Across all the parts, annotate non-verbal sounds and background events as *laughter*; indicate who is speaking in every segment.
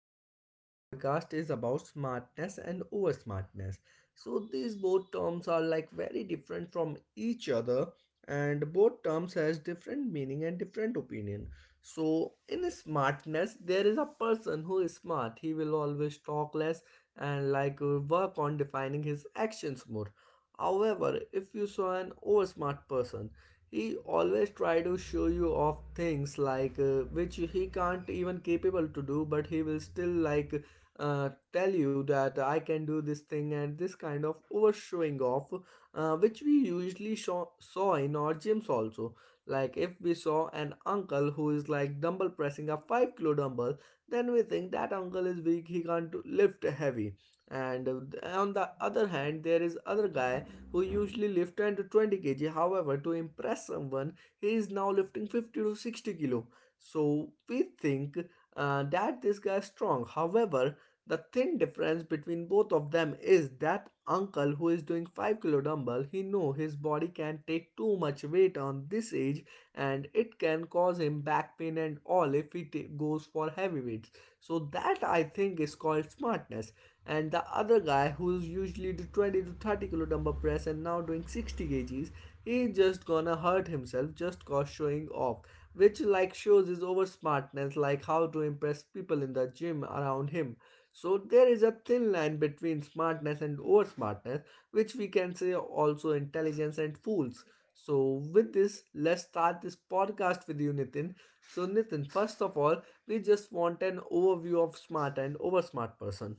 Speaker 1: And this podcast is about smartness and over smartness. So, these both terms are like very different from each other, and both terms has different meaning and different opinion. So, in smartness, there is a person who is smart. He will always talk less and like work on defining his actions more. However, if you saw an over smart person, he always try to show you off things like which he can't even capable to do, but he will still like tell you that I can do this thing, and this kind of over showing off, which we usually saw in our gyms also, like if we saw an uncle who is like dumbbell pressing a 5-kilo dumbbell, then we think that uncle is weak, he can't do- lift heavy. And on the other hand, there is other guy who usually lift 10 to 20 kg. However, to impress someone, he is now lifting 50 to 60 kilo. So we think that this guy is strong. However, the thin difference between both of them is that uncle who is doing 5-kilo dumbbell, he know his body can take too much weight on this age, and it can cause him back pain and all if he goes for heavyweights. So that I think is called smartness. And the other guy who's usually do 20 to 30 kilo dumbbell press and now doing 60 kgs, he's just gonna hurt himself just cause showing off, which like shows his over smartness, like how to impress people in the gym around him. So there is a thin line between smartness and over smartness, which we can say also intelligence and fools. So, with this, let's start this podcast with you, Nitin. So, Nitin, first of all, we just want an overview of smart and over smart person.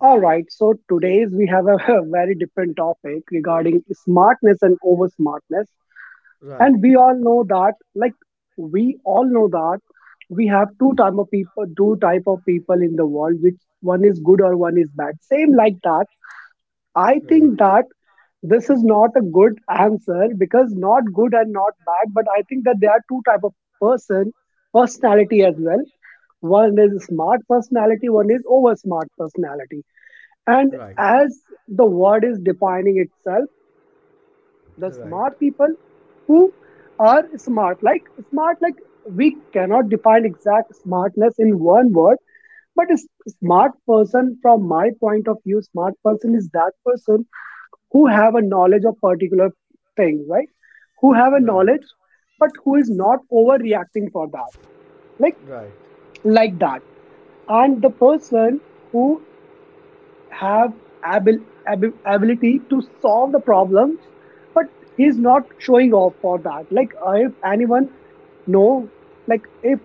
Speaker 2: All right, so today's we have a *laughs* very different topic regarding smartness and over smartness.
Speaker 1: Right,
Speaker 2: And we all know that, we all know that we have two type of people, two type of people in the world, which one is good or one is bad. Same like that. I
Speaker 1: right,
Speaker 2: think that this is not a good answer because not good and not bad, but I think that there are two type of person, personality as well. One is smart personality, one is over smart personality and
Speaker 1: right,
Speaker 2: as the word is defining itself, the
Speaker 1: right,
Speaker 2: smart people who are smart, smart, like we cannot define exact smartness in one word, but smart person, from my point of view, smart person is that person who have a knowledge of particular thing, right? Who have a
Speaker 1: right,
Speaker 2: knowledge, but who is not overreacting for that, like
Speaker 1: right,
Speaker 2: like that. And the person who. Have abil, ability to solve the problems but he's
Speaker 1: okay,
Speaker 2: not showing off for that, like, if anyone know. Like, if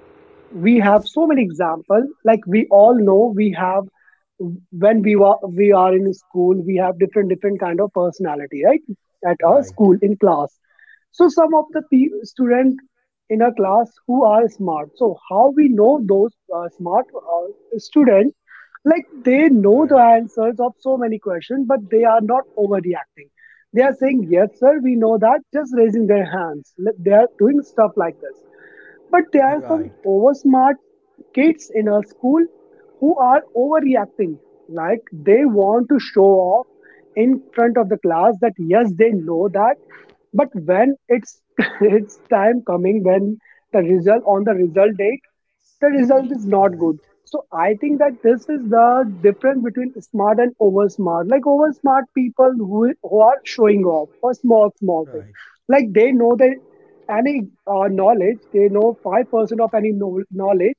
Speaker 2: we have so many examples, like we all know we have when we are in school, we have different different kind of personality, right? At our
Speaker 1: right,
Speaker 2: school in class, so some of the student in a class who are smart, so how we know those smart student, like they know the
Speaker 1: right,
Speaker 2: answers of so many questions but they are not overreacting. They are saying, "Yes sir, we know that," just raising their hands. Like, they are doing stuff like this, but there are some
Speaker 1: right,
Speaker 2: over smart kids in our school who are overreacting. Like they want to show off in front of the class that yes, they know that. But when it's *laughs* it's time coming, when the result, on the result date, the result is not
Speaker 1: right,
Speaker 2: good. So I think that this is the difference between smart and over smart. Like over smart people who are showing off for small small things.
Speaker 1: right,
Speaker 2: Like they know they any, knowledge. They know 5% of any knowledge,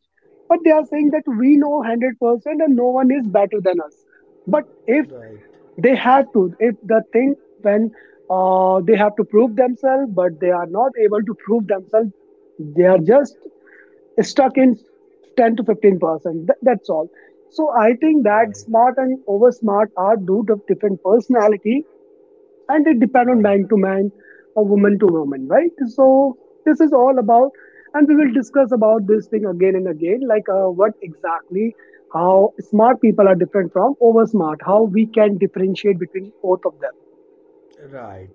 Speaker 2: but they are saying that we know 100% and no one is better than us. But if
Speaker 1: right,
Speaker 2: they have to, if the thing, when they have to prove themselves, but they are not able to prove themselves, they are just stuck in 10 to 15%. That's all. So I think that
Speaker 1: right,
Speaker 2: smart and over smart are two different personality, and it depends on
Speaker 1: right.
Speaker 2: man to man or woman to woman, right? So this is all about, and we will discuss about this thing again and again, like, what exactly, how smart people are different from over smart, how we can differentiate between both of them.
Speaker 1: Right.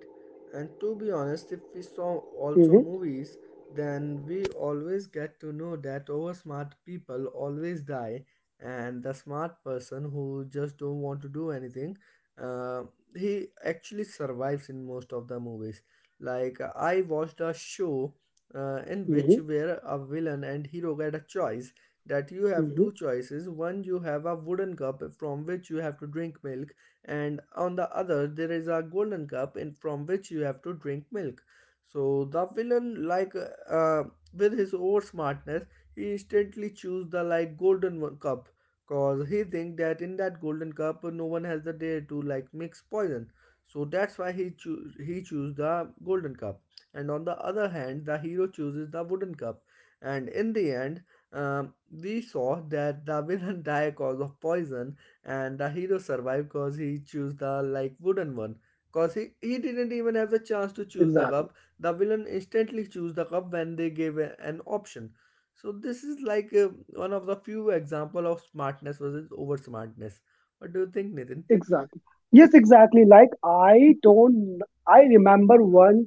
Speaker 1: And to be honest, if we saw also
Speaker 2: Mm-hmm,
Speaker 1: movies, then we always get to know that over smart people always die, and the smart person who just don't want to do anything, uh, he actually survives in most of the movies. Like I watched a show, in which
Speaker 2: mm-hmm,
Speaker 1: where a villain and hero get a choice, that you have
Speaker 2: mm-hmm.
Speaker 1: two choices. One, you have a wooden cup from which you have to drink milk, and on the other there is a golden cup in from which you have to drink milk. So the villain, like uh, with his over smartness, he instantly choose the like golden one cup, cause he think that in that golden cup no one has the dare to like mix poison, so that's why he he choose the golden cup. And on the other hand the hero chooses the wooden cup, and in the end, um, we saw that the villain *laughs* die cause of poison, and the hero survived cause he chose the like wooden one. Cause he didn't even have the chance to choose the
Speaker 2: Exactly,
Speaker 1: cup, the villain instantly choose the cup when they gave an option. So this is like one of the few example of smartness versus over smartness. What do you think, Nathan?
Speaker 2: exactly. Yes, exactly. Like I don't, I remember one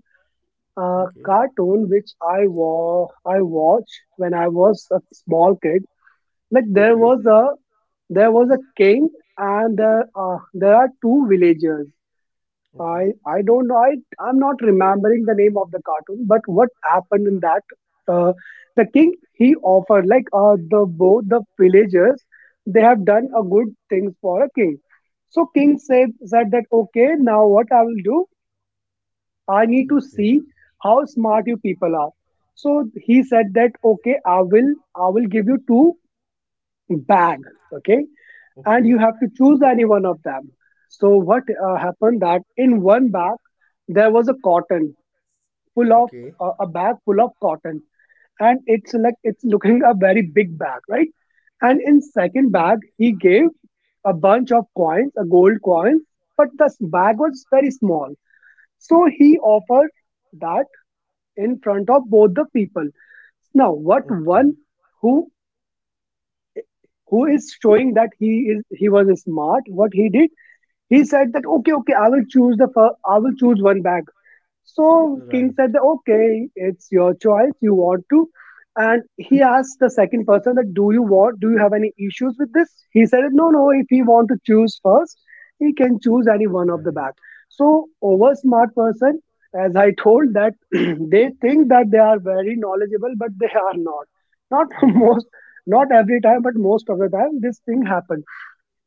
Speaker 1: Okay,
Speaker 2: cartoon which I I watched when I was a small kid. Like there
Speaker 1: okay,
Speaker 2: was a There was a king, and there are two villagers.
Speaker 1: okay,
Speaker 2: I don't know. I'm not remembering the name of the cartoon. But what happened in that? Uh, the king, he offered, like, the both the villagers, they have done a good things for a king. So king said that okay, now what I will do? I need to
Speaker 1: okay,
Speaker 2: see how smart you people are. So he said that okay, I will give you two bag. Okay, and you
Speaker 1: okay.
Speaker 2: have to choose any one of them. So what happened that in one bag there was a cotton full of,
Speaker 1: Okay.
Speaker 2: a bag full of cotton, and it's like, it's looking a very big bag, right? And in second bag he gave a bunch of coins, a gold coin, but the bag was very small. So he offered that in front of both the people. Now what?
Speaker 1: Okay.
Speaker 2: One who who is showing that he is, he was smart, what he did, he said that okay, okay, I will choose the I will choose one bag. So King
Speaker 1: Right.
Speaker 2: said that okay, it's your choice. You want to, and he asked the second person, that do you want? Do you have any issues with this? He said no, no, if he want to choose first, he can choose any one of the
Speaker 1: Right.
Speaker 2: bag. So over smart person, as I told that *clears throat* they think that they are very knowledgeable, but they are not. Not *laughs*
Speaker 1: Yeah.
Speaker 2: most, not every time, but most of the time, this thing happens.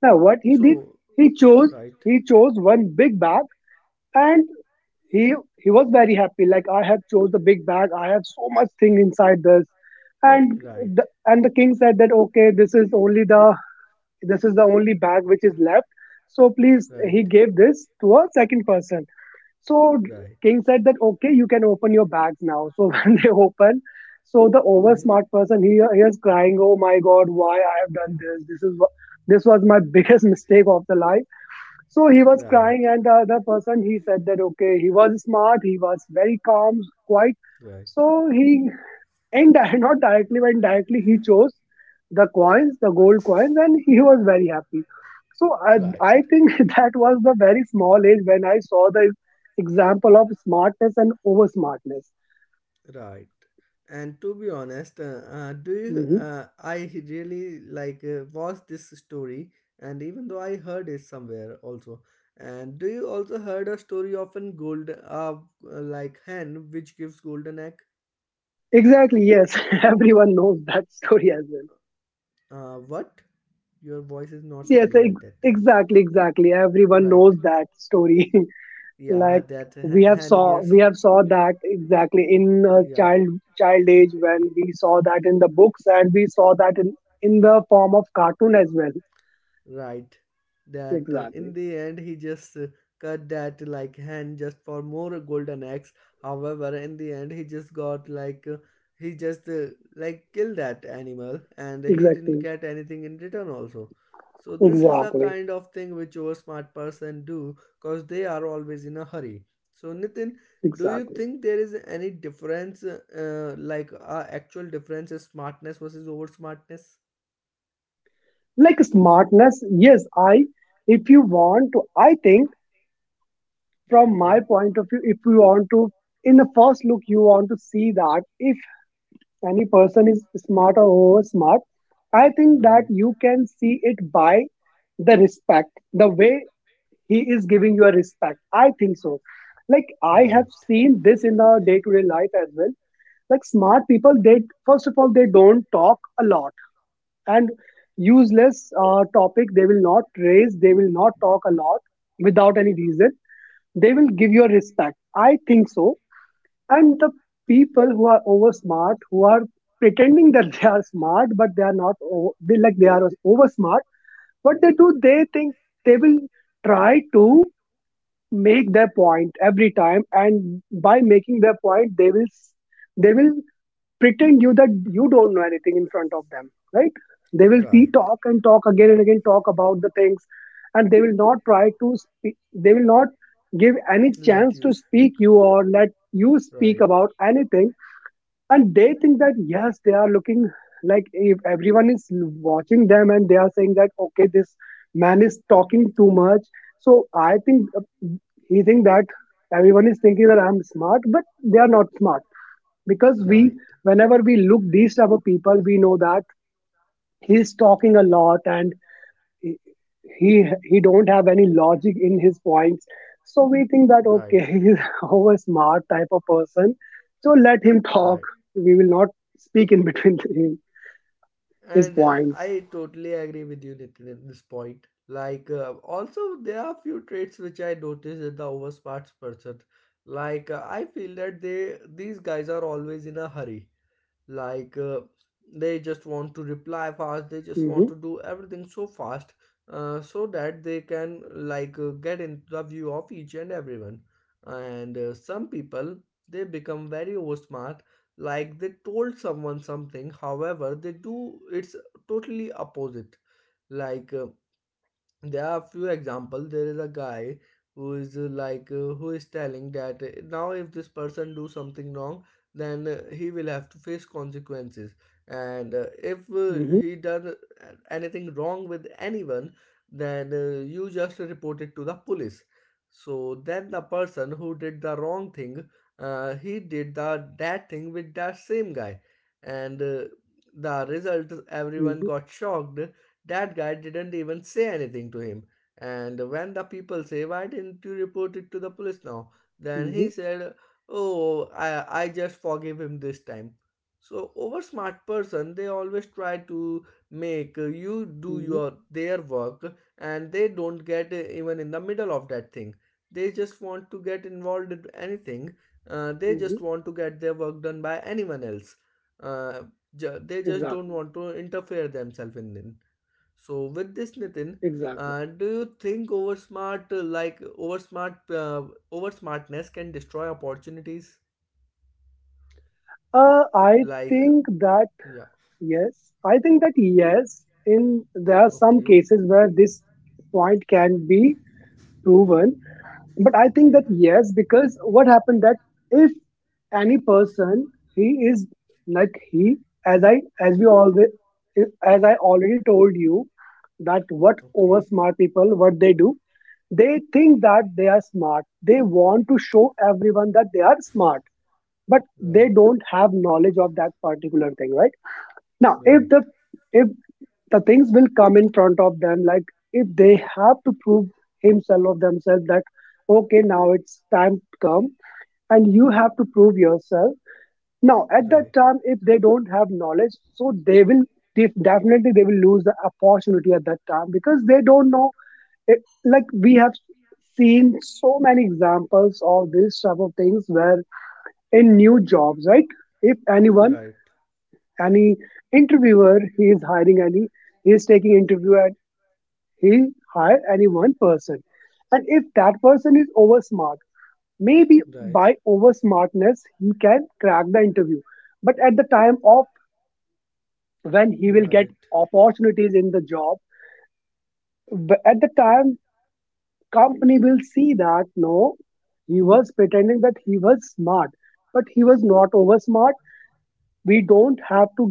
Speaker 2: Now, what he did,
Speaker 1: So,
Speaker 2: he chose
Speaker 1: right.
Speaker 2: he chose one big bag, and he was very happy. Like, I have chose the big bag, I have so much thing inside this. And
Speaker 1: Right.
Speaker 2: and the king said that okay, this is the only bag which is left. So please,
Speaker 1: Right.
Speaker 2: he gave this to a second person. So
Speaker 1: Right.
Speaker 2: King said that okay, you can open your bags now. So *laughs* when they open, so the over
Speaker 1: Hmm?
Speaker 2: smart person, he is crying, oh my god, why I have done this? This is this was my *laughs* biggest mistake of the life. So he was
Speaker 1: Right.
Speaker 2: crying, and the other person, he said that okay, he was smart, he was very calm, quite.
Speaker 1: Right.
Speaker 2: So he Indi *laughs* not directly, but indirectly he chose the coins, the gold coins, and he was very happy. So
Speaker 1: Right.
Speaker 2: I think *laughs* that was the very small age when I saw the example of smartness and over smartness.
Speaker 1: Right. And to be honest, do
Speaker 2: Mhm.
Speaker 1: I really like watched this story, and even though I heard it somewhere also. And do you also heard a story of an gold, like hen which gives golden egg?
Speaker 2: Exactly. Yes, *laughs* everyone knows that story as well.
Speaker 1: What? Your voice is
Speaker 2: Yes,
Speaker 1: not
Speaker 2: yes,
Speaker 1: clear at that time.
Speaker 2: exactly, exactly. Everyone
Speaker 1: Right.
Speaker 2: knows that story. *laughs*
Speaker 1: Yeah,
Speaker 2: Like
Speaker 1: that hen gives.
Speaker 2: we have saw that exactly in,
Speaker 1: Yeah.
Speaker 2: child child age, when we saw that in the books, and we saw that in the form of cartoon as well.
Speaker 1: Right. That in
Speaker 2: Exactly,
Speaker 1: the end he just cut that like hand just for more golden eggs. However, in the end he just got like he just like killed that animal, and he didn't
Speaker 2: exactly,
Speaker 1: get anything in return also. So this is the
Speaker 2: exactly,
Speaker 1: kind of thing which over smart person do, cause they are always in a hurry. So Nitin, do you
Speaker 2: exactly.
Speaker 1: think there is any difference, like actual difference is smartness versus over smartness?
Speaker 2: Like, smartness, yes, I, if you want to, I think, from my
Speaker 1: Okay.
Speaker 2: point of view, if you want to, in the first look, you want to see that if any person is smart or over smart, I think that
Speaker 1: Right.
Speaker 2: you can see it by the respect, the way he is giving you a respect, I think so. Like, I have
Speaker 1: Right.
Speaker 2: seen this in our day to day life as well. Like, smart people, they, first of all, they don't talk a lot, and useless topic they will not raise, they will not talk a lot without any reason. They will give you a respect, I think so. And the people who are over smart, who are pretending that they are smart but they are not over, they, like, they are over smart, what they do, they think they will try to make their point every time, and by making their point they will they will pretend you that you don't know anything in front of them, right? They will see,
Speaker 1: Right.
Speaker 2: talk and talk, again and again talk about the things, and they will not try to speak, they will not give any chance
Speaker 1: Let
Speaker 2: to
Speaker 1: you
Speaker 2: speak
Speaker 1: speak.
Speaker 2: you or let you speak
Speaker 1: Right.
Speaker 2: about anything. And they think that yes, they are looking, like, if everyone is watching them and they are saying that okay, this man is talking too much. So I think, he think that everyone is thinking that I'm smart, but they are not smart, because we,
Speaker 1: Right.
Speaker 2: whenever we look these type of people, we know that he's talking a lot, and he he he don't have any logic in his points. So we think that okay,
Speaker 1: Right.
Speaker 2: *laughs* he's over smart type of person, so let him talk.
Speaker 1: Right.
Speaker 2: We will not speak in between *laughs* him, his
Speaker 1: And
Speaker 2: points.
Speaker 1: I totally agree with you, Nitin, in this point. Like, also, there are few traits which I noticed in the oversmart person. Like, I feel that they these guys are always in a hurry, like they just want to reply fast, they just
Speaker 2: hmm
Speaker 1: want to do everything so fast, so that they can like get into the view of each and everyone. And some people, they become very over smart, like they told someone something, however they do it's totally opposite. Like there are a few examples. There is a guy who is like who is telling that now if this person do something wrong, then he will have to face consequences. And if
Speaker 2: hmm
Speaker 1: he done anything wrong with anyone, then you just report it to the police. So then the person who did the wrong thing, he did the that thing with that same guy, and the result,
Speaker 2: hmm
Speaker 1: everyone got shocked, that guy didn't even say anything to him. And when the people say, why didn't you report it to the police now? Then
Speaker 2: hmm
Speaker 1: he said, oh, I just forgive him this time. So over smart person, they always try to make you do
Speaker 2: hmm
Speaker 1: your their work and they don't get even in the middle of that thing. They just want to get involved in anything. They just
Speaker 2: hmm
Speaker 1: want to get their work done by anyone else. Uh, they just don't
Speaker 2: Exactly,
Speaker 1: want to interfere themselves in it. So with this, Nitin,
Speaker 2: exactly.
Speaker 1: do you think over smartness can destroy opportunities?
Speaker 2: I
Speaker 1: Like,
Speaker 2: think that
Speaker 1: yeah,
Speaker 2: yes, I think that yes, in, there are some
Speaker 1: okay,
Speaker 2: cases where this point can be proven, but I think
Speaker 1: okay,
Speaker 2: that yes, because what happened that if any person he is, like, he, as I, as we always, as I already told you, that what over
Speaker 1: okay,
Speaker 2: smart people, what they do, they think that they are smart, they want to show everyone that they are smart, but they
Speaker 1: right,
Speaker 2: don't have knowledge of that particular thing, right? Now, if
Speaker 1: right,
Speaker 2: the, if the things will come in front of them, like, if they have to prove himself or themselves that okay, now it's time to come and you have to prove yourself. Now, at that
Speaker 1: right,
Speaker 2: time, if they don't have knowledge, so they will definitely they will lose the opportunity at that time because they don't know. It, like, we have seen so many examples of this type of things where in new jobs, right? If
Speaker 1: right,
Speaker 2: any interviewer he is hiring any he is taking interview, and he hire any one person. And if that person is over smart, maybe
Speaker 1: right,
Speaker 2: by over smartness he can crack the interview. But at the time of when he will get
Speaker 1: right,
Speaker 2: opportunities in the job, at the time company will see that no, he was pretending that he was smart, but he was not over smart. We don't have to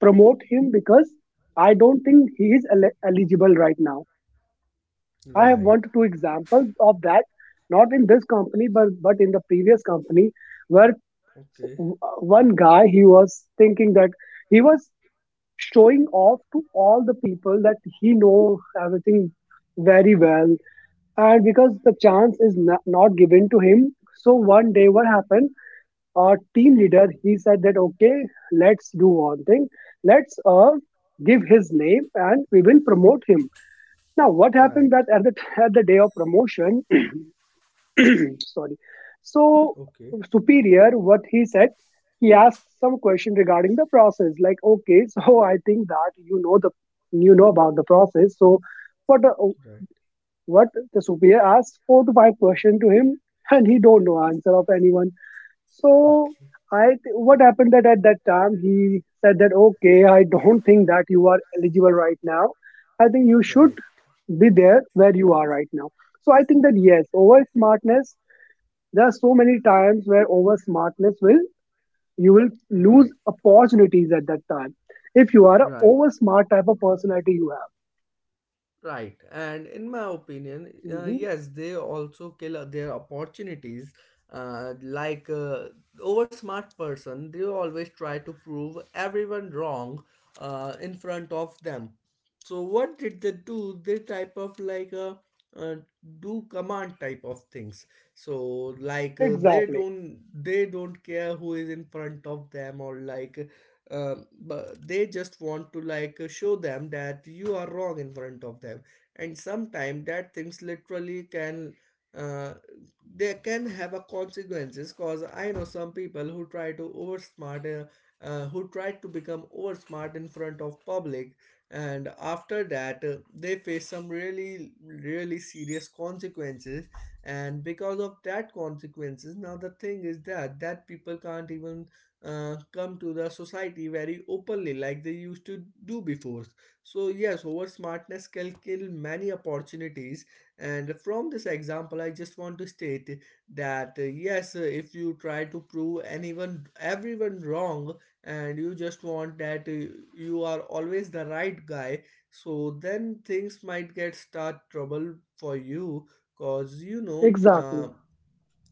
Speaker 2: promote him because I don't think he is eligible right now. I have
Speaker 1: right,
Speaker 2: one to two examples of that, not in this company, but in the previous company, where s-
Speaker 1: okay,
Speaker 2: w- one guy he was thinking that he was showing off to all the people that he know everything very well, and because the chance is not given to him, so one day what happened? Our team leader he said that okay, let's do one thing, let's give his name and we will promote him. Now what
Speaker 1: right,
Speaker 2: happened that at the *laughs* at the day of promotion *clears throat* sorry, so
Speaker 1: okay,
Speaker 2: superior what he said, he asked some question regarding the process like, okay, *laughs* so I think that you know about the process. So what uh,
Speaker 1: right,
Speaker 2: what the superior asked four to five question to him, and he don't know answer of anyone. So
Speaker 1: okay,
Speaker 2: what happened that at that time he said that okay, I don't think that you are eligible right now. I think you should
Speaker 1: right.
Speaker 2: be there where you are right now. So I think that yes, over smartness, there are so many times where over smartness will you will lose
Speaker 1: Right.
Speaker 2: opportunities at that time if you are a
Speaker 1: Right.
Speaker 2: over smart type of personality you have.
Speaker 1: Right, and in my opinion,
Speaker 2: Hmm.
Speaker 1: yes, they also kill their opportunities. Like over smart person, they always try to prove everyone wrong in front of them. So what did they do? They type of like uh, do command type of things. So like they
Speaker 2: Exactly,
Speaker 1: don't care who is in front of them or like but they just want to like show them that you are wrong in front of them, and sometimes that things literally can uh, they can have a consequences, cause I know some people who try to oversmart, who try to become oversmart in front of public, and after that they face some really really serious consequences. And because of that consequences now the thing is that that people can't even come to the society very openly like they used to do before. So yes, over smartness can kill many opportunities, and from this example I just want to state that yes, if you try to prove anyone everyone wrong, and you just want that you are always the right guy, so then things might get start trouble for you. Cause you know,
Speaker 2: exactly,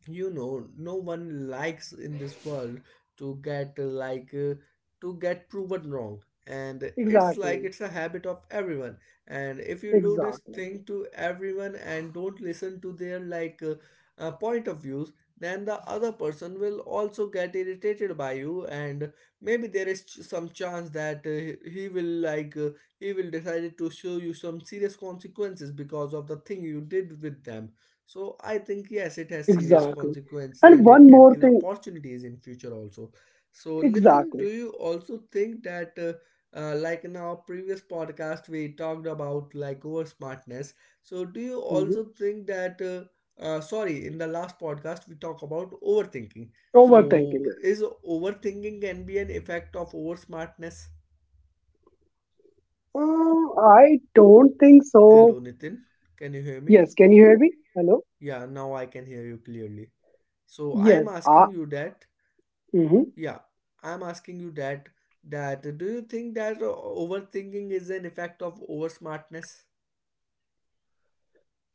Speaker 1: you know, no one likes in this world to get like to get proven wrong. And it's like
Speaker 2: exactly,
Speaker 1: it's a habit of everyone, and if you do this
Speaker 2: exactly,
Speaker 1: thing to everyone and don't listen to their like point of views, then the other person will also get irritated by you, and maybe there is some chance that he will like he will decide to show you some serious consequences because of the thing you did with them. So I think yes, it has serious
Speaker 2: exactly.
Speaker 1: consequences
Speaker 2: And
Speaker 1: and it
Speaker 2: one
Speaker 1: can
Speaker 2: more
Speaker 1: kill
Speaker 2: thing,
Speaker 1: opportunities in future also. So Nitin, do
Speaker 2: exactly.
Speaker 1: you also think that like in our previous podcast we talked about like over smartness. So do you
Speaker 2: Mm-hmm.
Speaker 1: also think that sorry, in the last podcast we talk about overthinking. So
Speaker 2: Overthinking
Speaker 1: is
Speaker 2: is.
Speaker 1: overthinking can be an effect of over smartness?
Speaker 2: I don't think so.
Speaker 1: Hello Nitin, can you hear me?
Speaker 2: Yes, can you hear me? Hello?
Speaker 1: Yeah, now I can hear you clearly. So I am
Speaker 2: Yes.
Speaker 1: asking you that.
Speaker 2: Mhm.
Speaker 1: Yeah, I'm asking you that, do you think that overthinking is an effect of over smartness?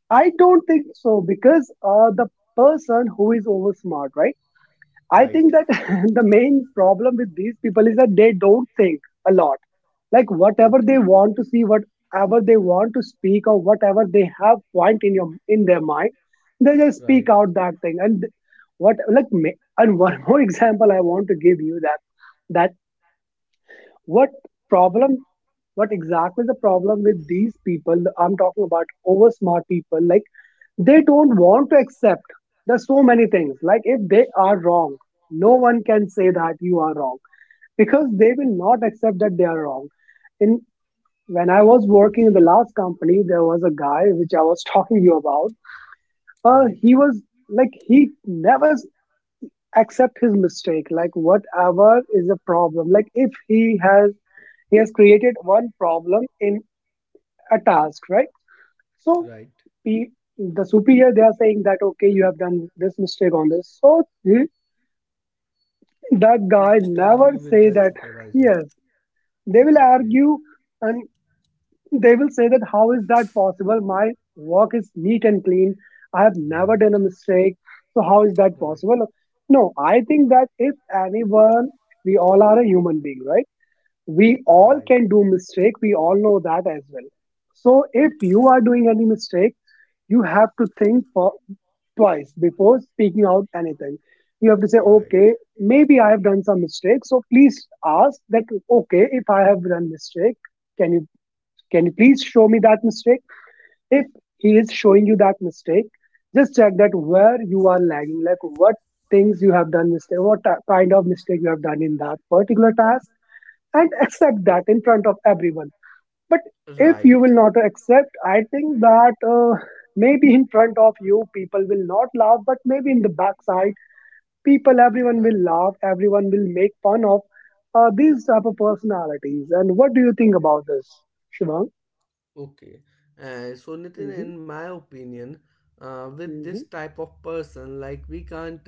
Speaker 2: I don't think so because the person who is over smart, right? I
Speaker 1: Right.
Speaker 2: think that *laughs* the main problem with these people is that they don't think a lot. Like whatever they
Speaker 1: Okay.
Speaker 2: want to see, whatever they want to speak, or whatever they have point in your in their mind, they just
Speaker 1: Right.
Speaker 2: speak out that thing. And one *laughs* more example I want to give you that What problem? What exactly the problem with these people? I'm talking about over smart people. Like they don't want to accept. There's so many things. Like if they are wrong, no one can say that you are wrong, because they will not accept that they are wrong. In When I was working in the last company, there was a guy which I was *laughs* talking to you about.
Speaker 1: Right.
Speaker 2: He was like he never accept his mistake. Like whatever is a problem. Like if he has he has created one problem in a task, right? So
Speaker 1: Right.
Speaker 2: pe- the superior they are saying that okay, you have done this mistake on this. So that
Speaker 1: You
Speaker 2: guy
Speaker 1: just
Speaker 2: never
Speaker 1: argue with
Speaker 2: say
Speaker 1: that
Speaker 2: that.
Speaker 1: supervisor.
Speaker 2: Yes. They will
Speaker 1: Okay.
Speaker 2: argue, and they will say that, how is that possible? My work is neat and clean. I have never
Speaker 1: Right.
Speaker 2: done a mistake. So how is that
Speaker 1: Right.
Speaker 2: possible? No, I think that if anyone, we all are a human being, right? We all
Speaker 1: Right.
Speaker 2: can do mistake, we all know that as well. So if you are doing any mistake, you have to think for twice before speaking out anything. You have to say
Speaker 1: Right.
Speaker 2: okay, maybe I have done some mistake, so please ask that okay, if I have done mistake, can you can you please show me that mistake. If he is showing you that mistake, just check that where you are lagging, like what things you have done mistake, kind of mistake you have done in that particular task. And accept that in front of everyone. But if
Speaker 1: Right.
Speaker 2: you will not accept, I think that maybe in front of you, people will not laugh, but maybe in the backside, people, everyone will
Speaker 1: Right.
Speaker 2: laugh, everyone will make fun of these type of personalities. And what do you think about this, Shivang?
Speaker 1: Okay. So, Nitin,
Speaker 2: Mm-hmm,
Speaker 1: in my opinion, with this
Speaker 2: mm-hmm,
Speaker 1: type of person, like we can't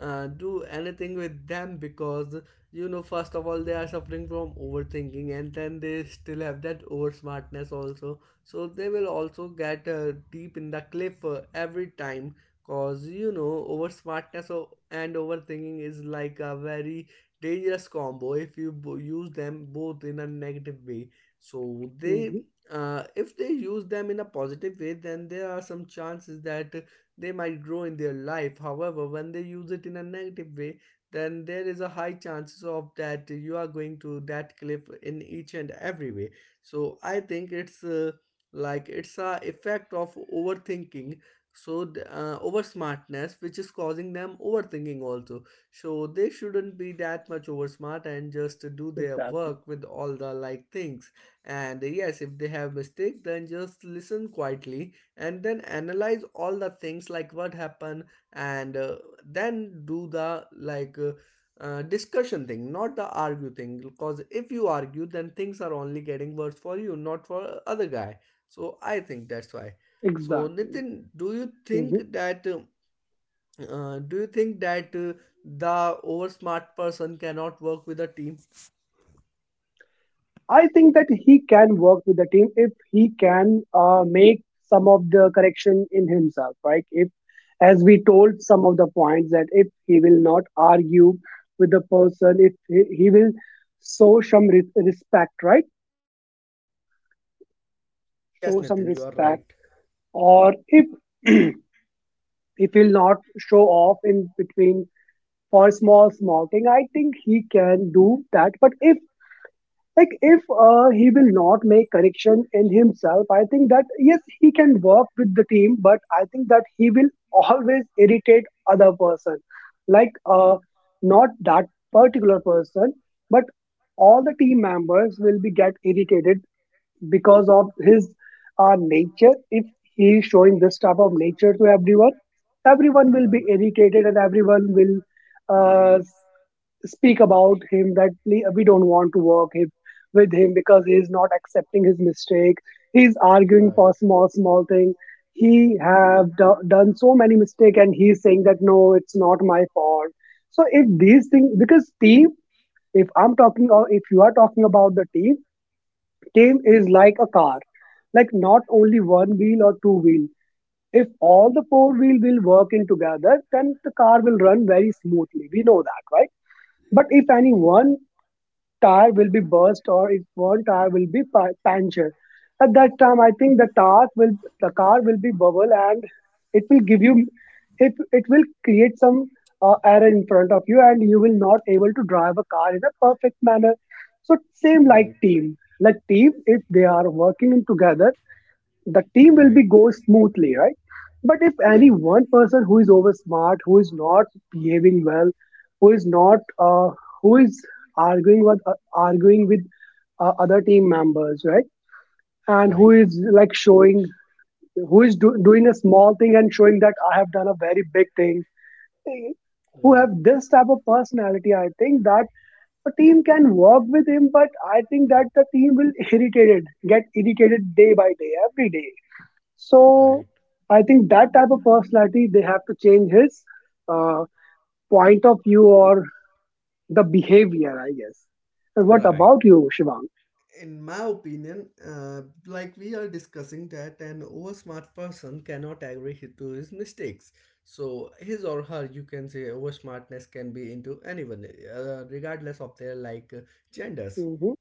Speaker 1: do anything with them because, you know, first of all, they are suffering from overthinking, and then they still have that over smartness also. So, they will also get deep in the cliff every time because, you know, over smartness and overthinking is like a very dangerous combo if you use them both in a negative way, so they
Speaker 2: mm-hmm,
Speaker 1: if they use them in a positive way, then there are some chances that they might grow in their life. However, when they use it in a negative way, then there is a high chances of that you are going to that cliff in each and every way. So I think it's like it's a effect of overthinking. So over smartness, which is causing them overthinking also. So they shouldn't be that much over smart and just do their
Speaker 2: exactly,
Speaker 1: work with all the like things, and yes, if they have mistake, then just listen quietly and then analyze all the things like what happened, and then do the discussion thing, not the argue thing. Because if you argue, then things are only getting worse for you, not for other guy. So I think that's why. So
Speaker 2: exactly.
Speaker 1: Nitin, do you think
Speaker 2: Mhm.
Speaker 1: that do you think that the over smart person cannot work with a team?
Speaker 2: I think that he can work with the team if he can make some of the correction in himself, right? If, as we told some of the points, that if he will not argue with the person, if he will show some respect, right?
Speaker 1: Yes,
Speaker 2: Show some
Speaker 1: Nitin, you are
Speaker 2: respect,
Speaker 1: right.
Speaker 2: or if *clears throat* if he'll not show off in between for small small thing, I think he can do that. But if he will not make correction in himself, I think that yes, he can work with the team, but I think that he will always irritate other person, like not that particular person, but all the team members will be get irritated because of his nature. If he is showing this type of nature to everyone, everyone will be
Speaker 1: Right,
Speaker 2: irritated, and everyone will uh, speak about him that, We don't want to with him because he is not accepting his mistake. He's arguing for
Speaker 1: right.
Speaker 2: small, small thing. He have done so many mistake, and he's saying that no, it's not my fault." So if these things, because team, if I'm talking or if you are talking about the team, team is
Speaker 1: Okay,
Speaker 2: like a car, like not only one wheel or two wheel. If all the four-wheel will work in together, then the car will run very smoothly. We know that, right? But if any
Speaker 1: okay.
Speaker 2: one tire will be burst, or if one tire will be punctured. At that time, I think the car will be bubble, and it will give you it it will create some error in front of you, and you will not able to drive a car in a perfect manner. So same
Speaker 1: Right,
Speaker 2: like team if they are working in together, the team will
Speaker 1: right,
Speaker 2: be go smoothly, right? But if any
Speaker 1: right,
Speaker 2: one person who is over smart, who is not behaving well, who is not who is arguing with other team members, right? And who
Speaker 1: right,
Speaker 2: is like showing who is do- doing a small thing and showing that I have done a very big thing. Who have this type of personality, I think that a team can work with him, but I think that the team will get irritated day by day, every day.
Speaker 1: right,
Speaker 2: So
Speaker 1: right.
Speaker 2: I think that type of personality they have to change his uh, point of view or the behavior, I guess. And what
Speaker 1: Right.
Speaker 2: about you, Shivang?
Speaker 1: In my opinion, like we are discussing that an oversmart person cannot agree to his mistakes. So his or her, you can say oversmartness can be into anyone, regardless of their genders.
Speaker 2: Hmm.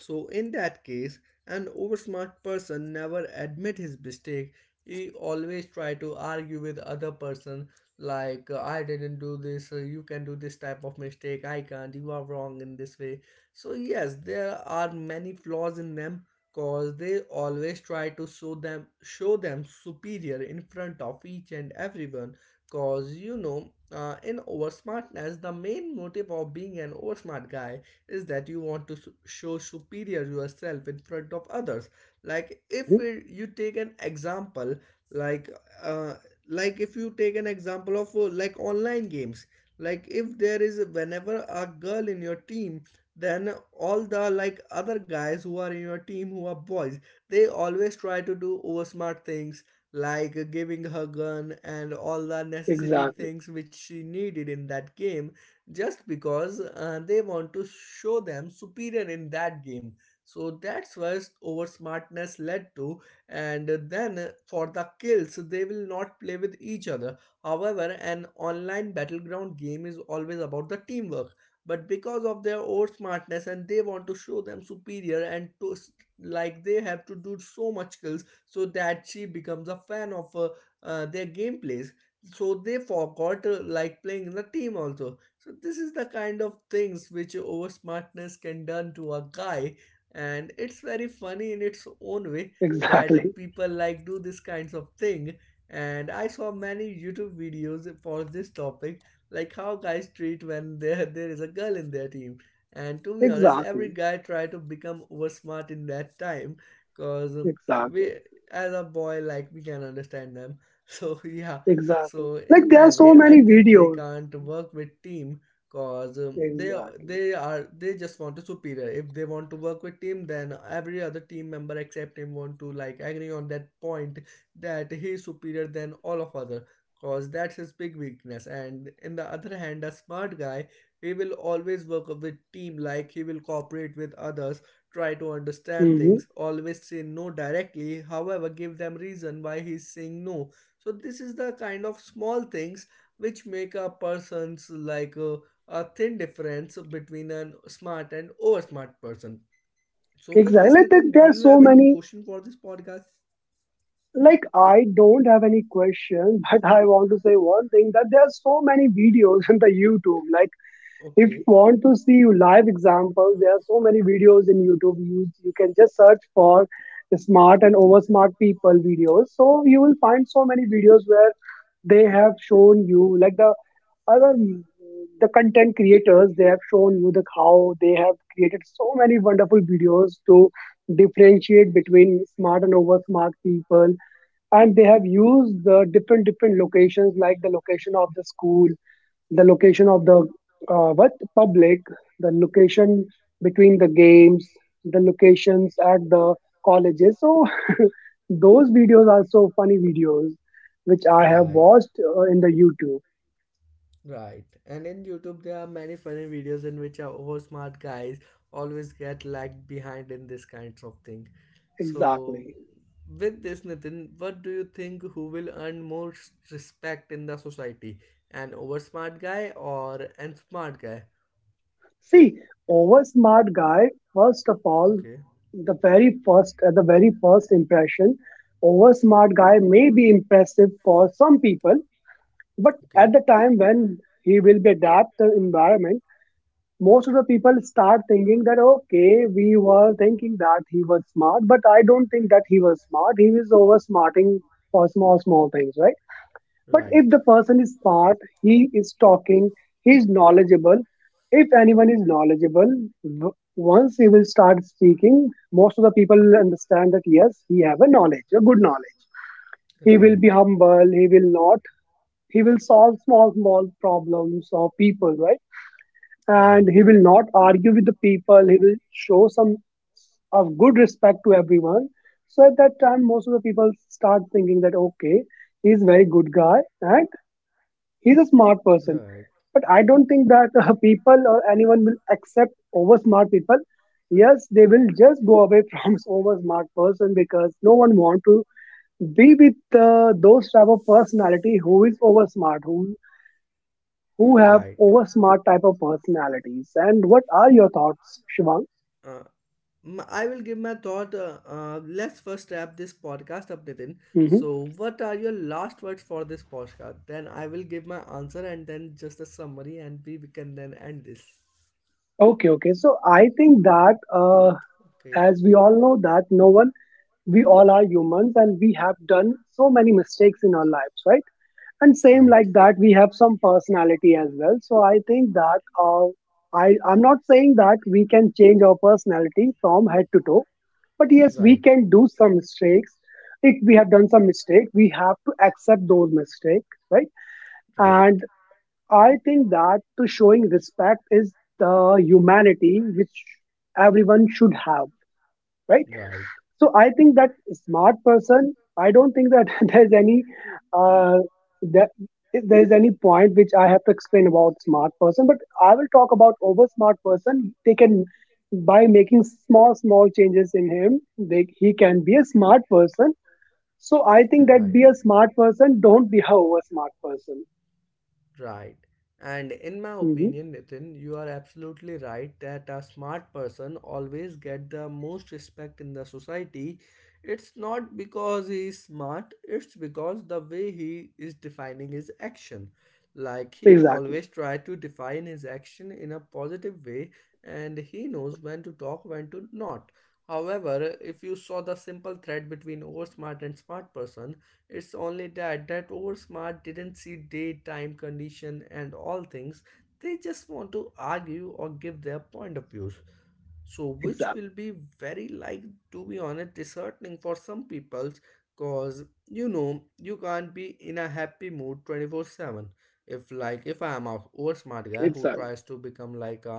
Speaker 1: So in that case, an oversmart person never admit his mistake. He always try to argue with other person like I didn't do this, you can do this type of mistake, I can't, you are wrong in this way. So yes, there are many flaws in them cause they always try to show them superior in front of each and everyone cause you know, in oversmartness the main motive of being an oversmart guy is that you want to show superior yourself in front of others like if
Speaker 2: Hmm.
Speaker 1: you take an example like uh, like if you take an example of like online games like if there is whenever a girl in your team, then all the like other guys who are in your team who are boys, they always try to do oversmart things like giving her gun and all the necessity
Speaker 2: Exactly,
Speaker 1: things which she needed in that game just because they want to show them superior in that game. So that's what over smartness led to, and then for the kills, they will not play with each other. However, an online battleground game is always about the teamwork. But because of their over smartness and they want to show them superior and to like they have to do so much kills so that she becomes a fan of their gameplays. So they forgot like playing in the team also, so this is the kind of things which over smartness can done to a guy, and it's very funny in its own way,
Speaker 2: *laughs*
Speaker 1: that
Speaker 2: exactly,
Speaker 1: people like do this kinds of thing. And I saw many YouTube videos for this topic, like how guys treat when there is a girl in their team. And to be honest, every
Speaker 2: exactly,
Speaker 1: guy try to become over smart in that time, cause
Speaker 2: exactly.
Speaker 1: we as a boy like we can understand them. *laughs* So yeah,
Speaker 2: Exactly.
Speaker 1: so
Speaker 2: Like
Speaker 1: in
Speaker 2: there are
Speaker 1: my
Speaker 2: so
Speaker 1: way, I
Speaker 2: many
Speaker 1: think they
Speaker 2: videos.
Speaker 1: can't work with team cause
Speaker 2: Exactly.
Speaker 1: they are they just want a superior. If they want to work with team, then every other team member except him want to like agree on that point that he is superior than all of other. Cause that's his big weakness. And in the other hand, a smart guy, he will always work with team. Like he will cooperate with others, try to understand
Speaker 2: Hmm.
Speaker 1: things, always say no directly. However, give them reason why he's saying no, so this is the kind of small things which make a person's like a thin difference between a smart and over smart person. So with
Speaker 2: Exactly.
Speaker 1: this,
Speaker 2: Like there
Speaker 1: Nitin,
Speaker 2: there
Speaker 1: do
Speaker 2: are
Speaker 1: you
Speaker 2: so
Speaker 1: have any
Speaker 2: many.
Speaker 1: question for this podcast?
Speaker 2: Like I don't have any question, *laughs* but I want to say one thing, that there are so many videos *laughs* on the YouTube. Like if you
Speaker 1: Okay,
Speaker 2: want to see live examples, there are so many videos in YouTube. You can just search for smart and over smart people videos. So you will find so many videos where they have shown you, like, other the content creators, they have shown you the how they have created so many wonderful videos to differentiate between smart and over smart people, and they have used the different different locations, like the location of the school, the location of the what public, the location between the games, the locations at the colleges, so *laughs* those videos are so funny videos which I have
Speaker 1: right.
Speaker 2: watched in the YouTube.
Speaker 1: Right. And in YouTube, there are many funny videos in which our over smart guys always get lagged behind in this kinds of thing. So
Speaker 2: Exactly.
Speaker 1: with this Nitin, what do you think, who will earn more respect in the society? An over smart guy or an smart guy?
Speaker 2: See, over smart guy, first of all,
Speaker 1: Okay.
Speaker 2: the very first at the very first impression, over smart guy may be impressive for some people, but
Speaker 1: Okay.
Speaker 2: at the time when he will be adapt the environment, most of the people start thinking that okay, we were thinking that he was smart, but I don't think that he was smart. He was over smarting for small small things, right? But if
Speaker 1: Right.
Speaker 2: the person is smart, he is talking, he is knowledgeable. If anyone is knowledgeable, once he will start speaking, most of the people will understand that yes, he have a knowledge, a good knowledge. He will
Speaker 1: Right.
Speaker 2: be humble. He will not. He will solve small small problems of people, right? And
Speaker 1: Right.
Speaker 2: he will not argue with the people. He will show some of good respect to everyone. So at that time, most of the people start thinking that okay, he's a very good guy, and he's a smart person,
Speaker 1: Right.
Speaker 2: but I don't think that people or anyone will accept over smart people. Yes, they will just go away from *laughs* over smart person, because no one want to be with those type of personality who is over smart, who have
Speaker 1: Right.
Speaker 2: over smart type of personalities. And what are your thoughts, Shivang?
Speaker 1: Uh, I will give my thought. Let's first wrap this podcast up, Nitin.
Speaker 2: Hmm.
Speaker 1: So, what are your last words for this podcast? Then I will give my answer and then just a summary, and we can then end this.
Speaker 2: Okay, okay. So I think that
Speaker 1: Okay,
Speaker 2: as we all know that no one, we all are humans, and we have done so many mistakes in our lives, right? And same like
Speaker 1: right.
Speaker 2: that, we have some personality as well, so I think that uh, I'm not saying that we can change our personality from head to toe, but yes, we
Speaker 1: Right,
Speaker 2: can do some mistakes. If we have done some mistake, we have to accept those mistakes, right?
Speaker 1: right,
Speaker 2: And I think that to showing respect is the humanity which everyone should have, right?
Speaker 1: right.
Speaker 2: So I think that smart person, I don't think that *laughs* there's any uh, that there's any point which I have to explain about smart person. But I will talk about over smart person. They can by making small small changes in him, he can be a smart person. So I think that be
Speaker 1: Right.
Speaker 2: a smart person. Don't be a over smart person.
Speaker 1: Right. And in my
Speaker 2: Hmm.
Speaker 1: opinion, Nitin, you are absolutely right that a smart person always get the most respect in the society. It's not because he is smart, it's because the way he is defining his action. Like he
Speaker 2: Exactly.
Speaker 1: always try to define his action in a positive way, and he knows when to talk, when to not. However, if you saw the simple thread between oversmart and smart person, it's only that that oversmart didn't see daytime condition and all things. They just want to argue or give their point of views so which will
Speaker 2: Exactly.
Speaker 1: be very like, to be honest, disheartening for some people cause you know you can't be in a happy mood 24/7. If like if I am a over smart guy who
Speaker 2: Exactly.
Speaker 1: tries to become like a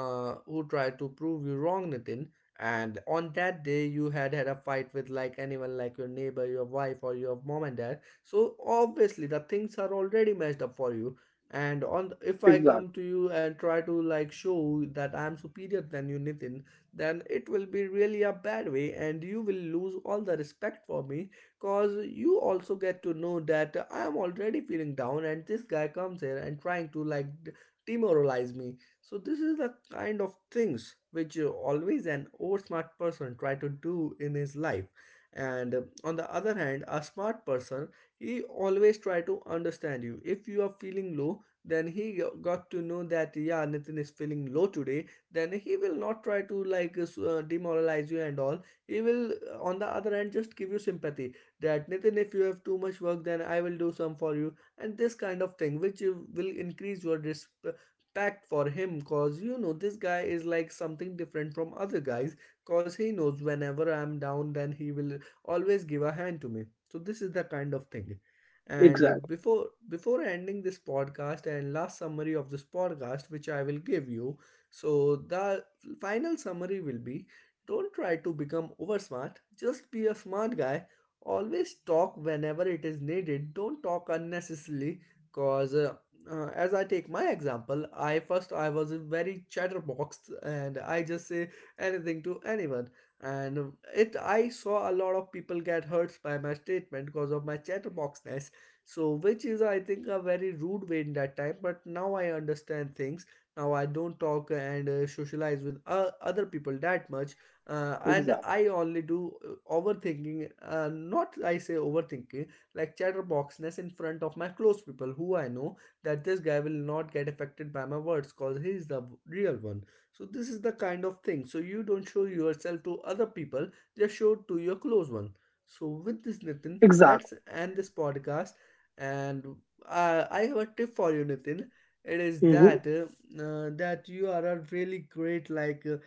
Speaker 1: who try to prove you wrong, Nitin, and on that day you had a fight with like anyone like your neighbor, your wife or your mom and dad, so obviously the things are already messed up for you, and on if I
Speaker 2: Exactly.
Speaker 1: come to you and try to like show that I'm superior than you, Nitin, then it will be really a bad way and you will lose all the respect for me cause you also get to know that I'm already feeling down and this guy comes here and trying to demoralize me. So this is the kind of things which always an oversmart person try to do in his life, and on the other hand, a smart person, he always try to understand you if you are feeling low, then he got to know that yeah, Nitin is feeling low today, then he will not try to demoralize you and all. He will on the other hand just give you sympathy, that Nitin, if you have too much work, then I will do some for you, and this kind of thing which you will increase your respect for him cause you know this guy is like something different from other guys cause he knows whenever I'm down then he will always give a hand to me. So this is the kind of thing, and
Speaker 2: Exactly.
Speaker 1: before ending this podcast and last summary of this podcast, which I will give you, so the final summary will be: don't try to become over smart. Just be a smart guy. Always talk whenever it is needed. Don't talk unnecessarily, cause. As I take my example, I first I was a very chatterbox and I just say anything to anyone, and it I saw a lot of people get hurt by my statement because of my chatterboxness, so which is I think a very rude way in that time but now I understand things. Now I don't talk and socialize with other people that much, and
Speaker 2: Exactly.
Speaker 1: I only do overthinking, not I say overthinking, like chatterboxness in front of my close people who I know that this guy will not get affected by my words cause he is the real one. So this is the kind of thing, so you don't show yourself to other people, just show to your close one. So with this Nitin,
Speaker 2: Exactly.
Speaker 1: let's end this podcast, and I have a tip for you, Nitin. It is
Speaker 2: Hmm.
Speaker 1: that that you are a really great, like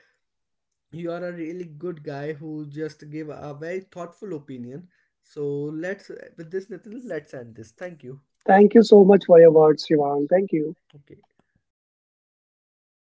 Speaker 1: you are a really good guy who just gave a very thoughtful opinion. So let's with this, Nitin. Let's end this. Thank you.
Speaker 2: Thank you so much for your words, Shivan. Thank you.
Speaker 1: Okay.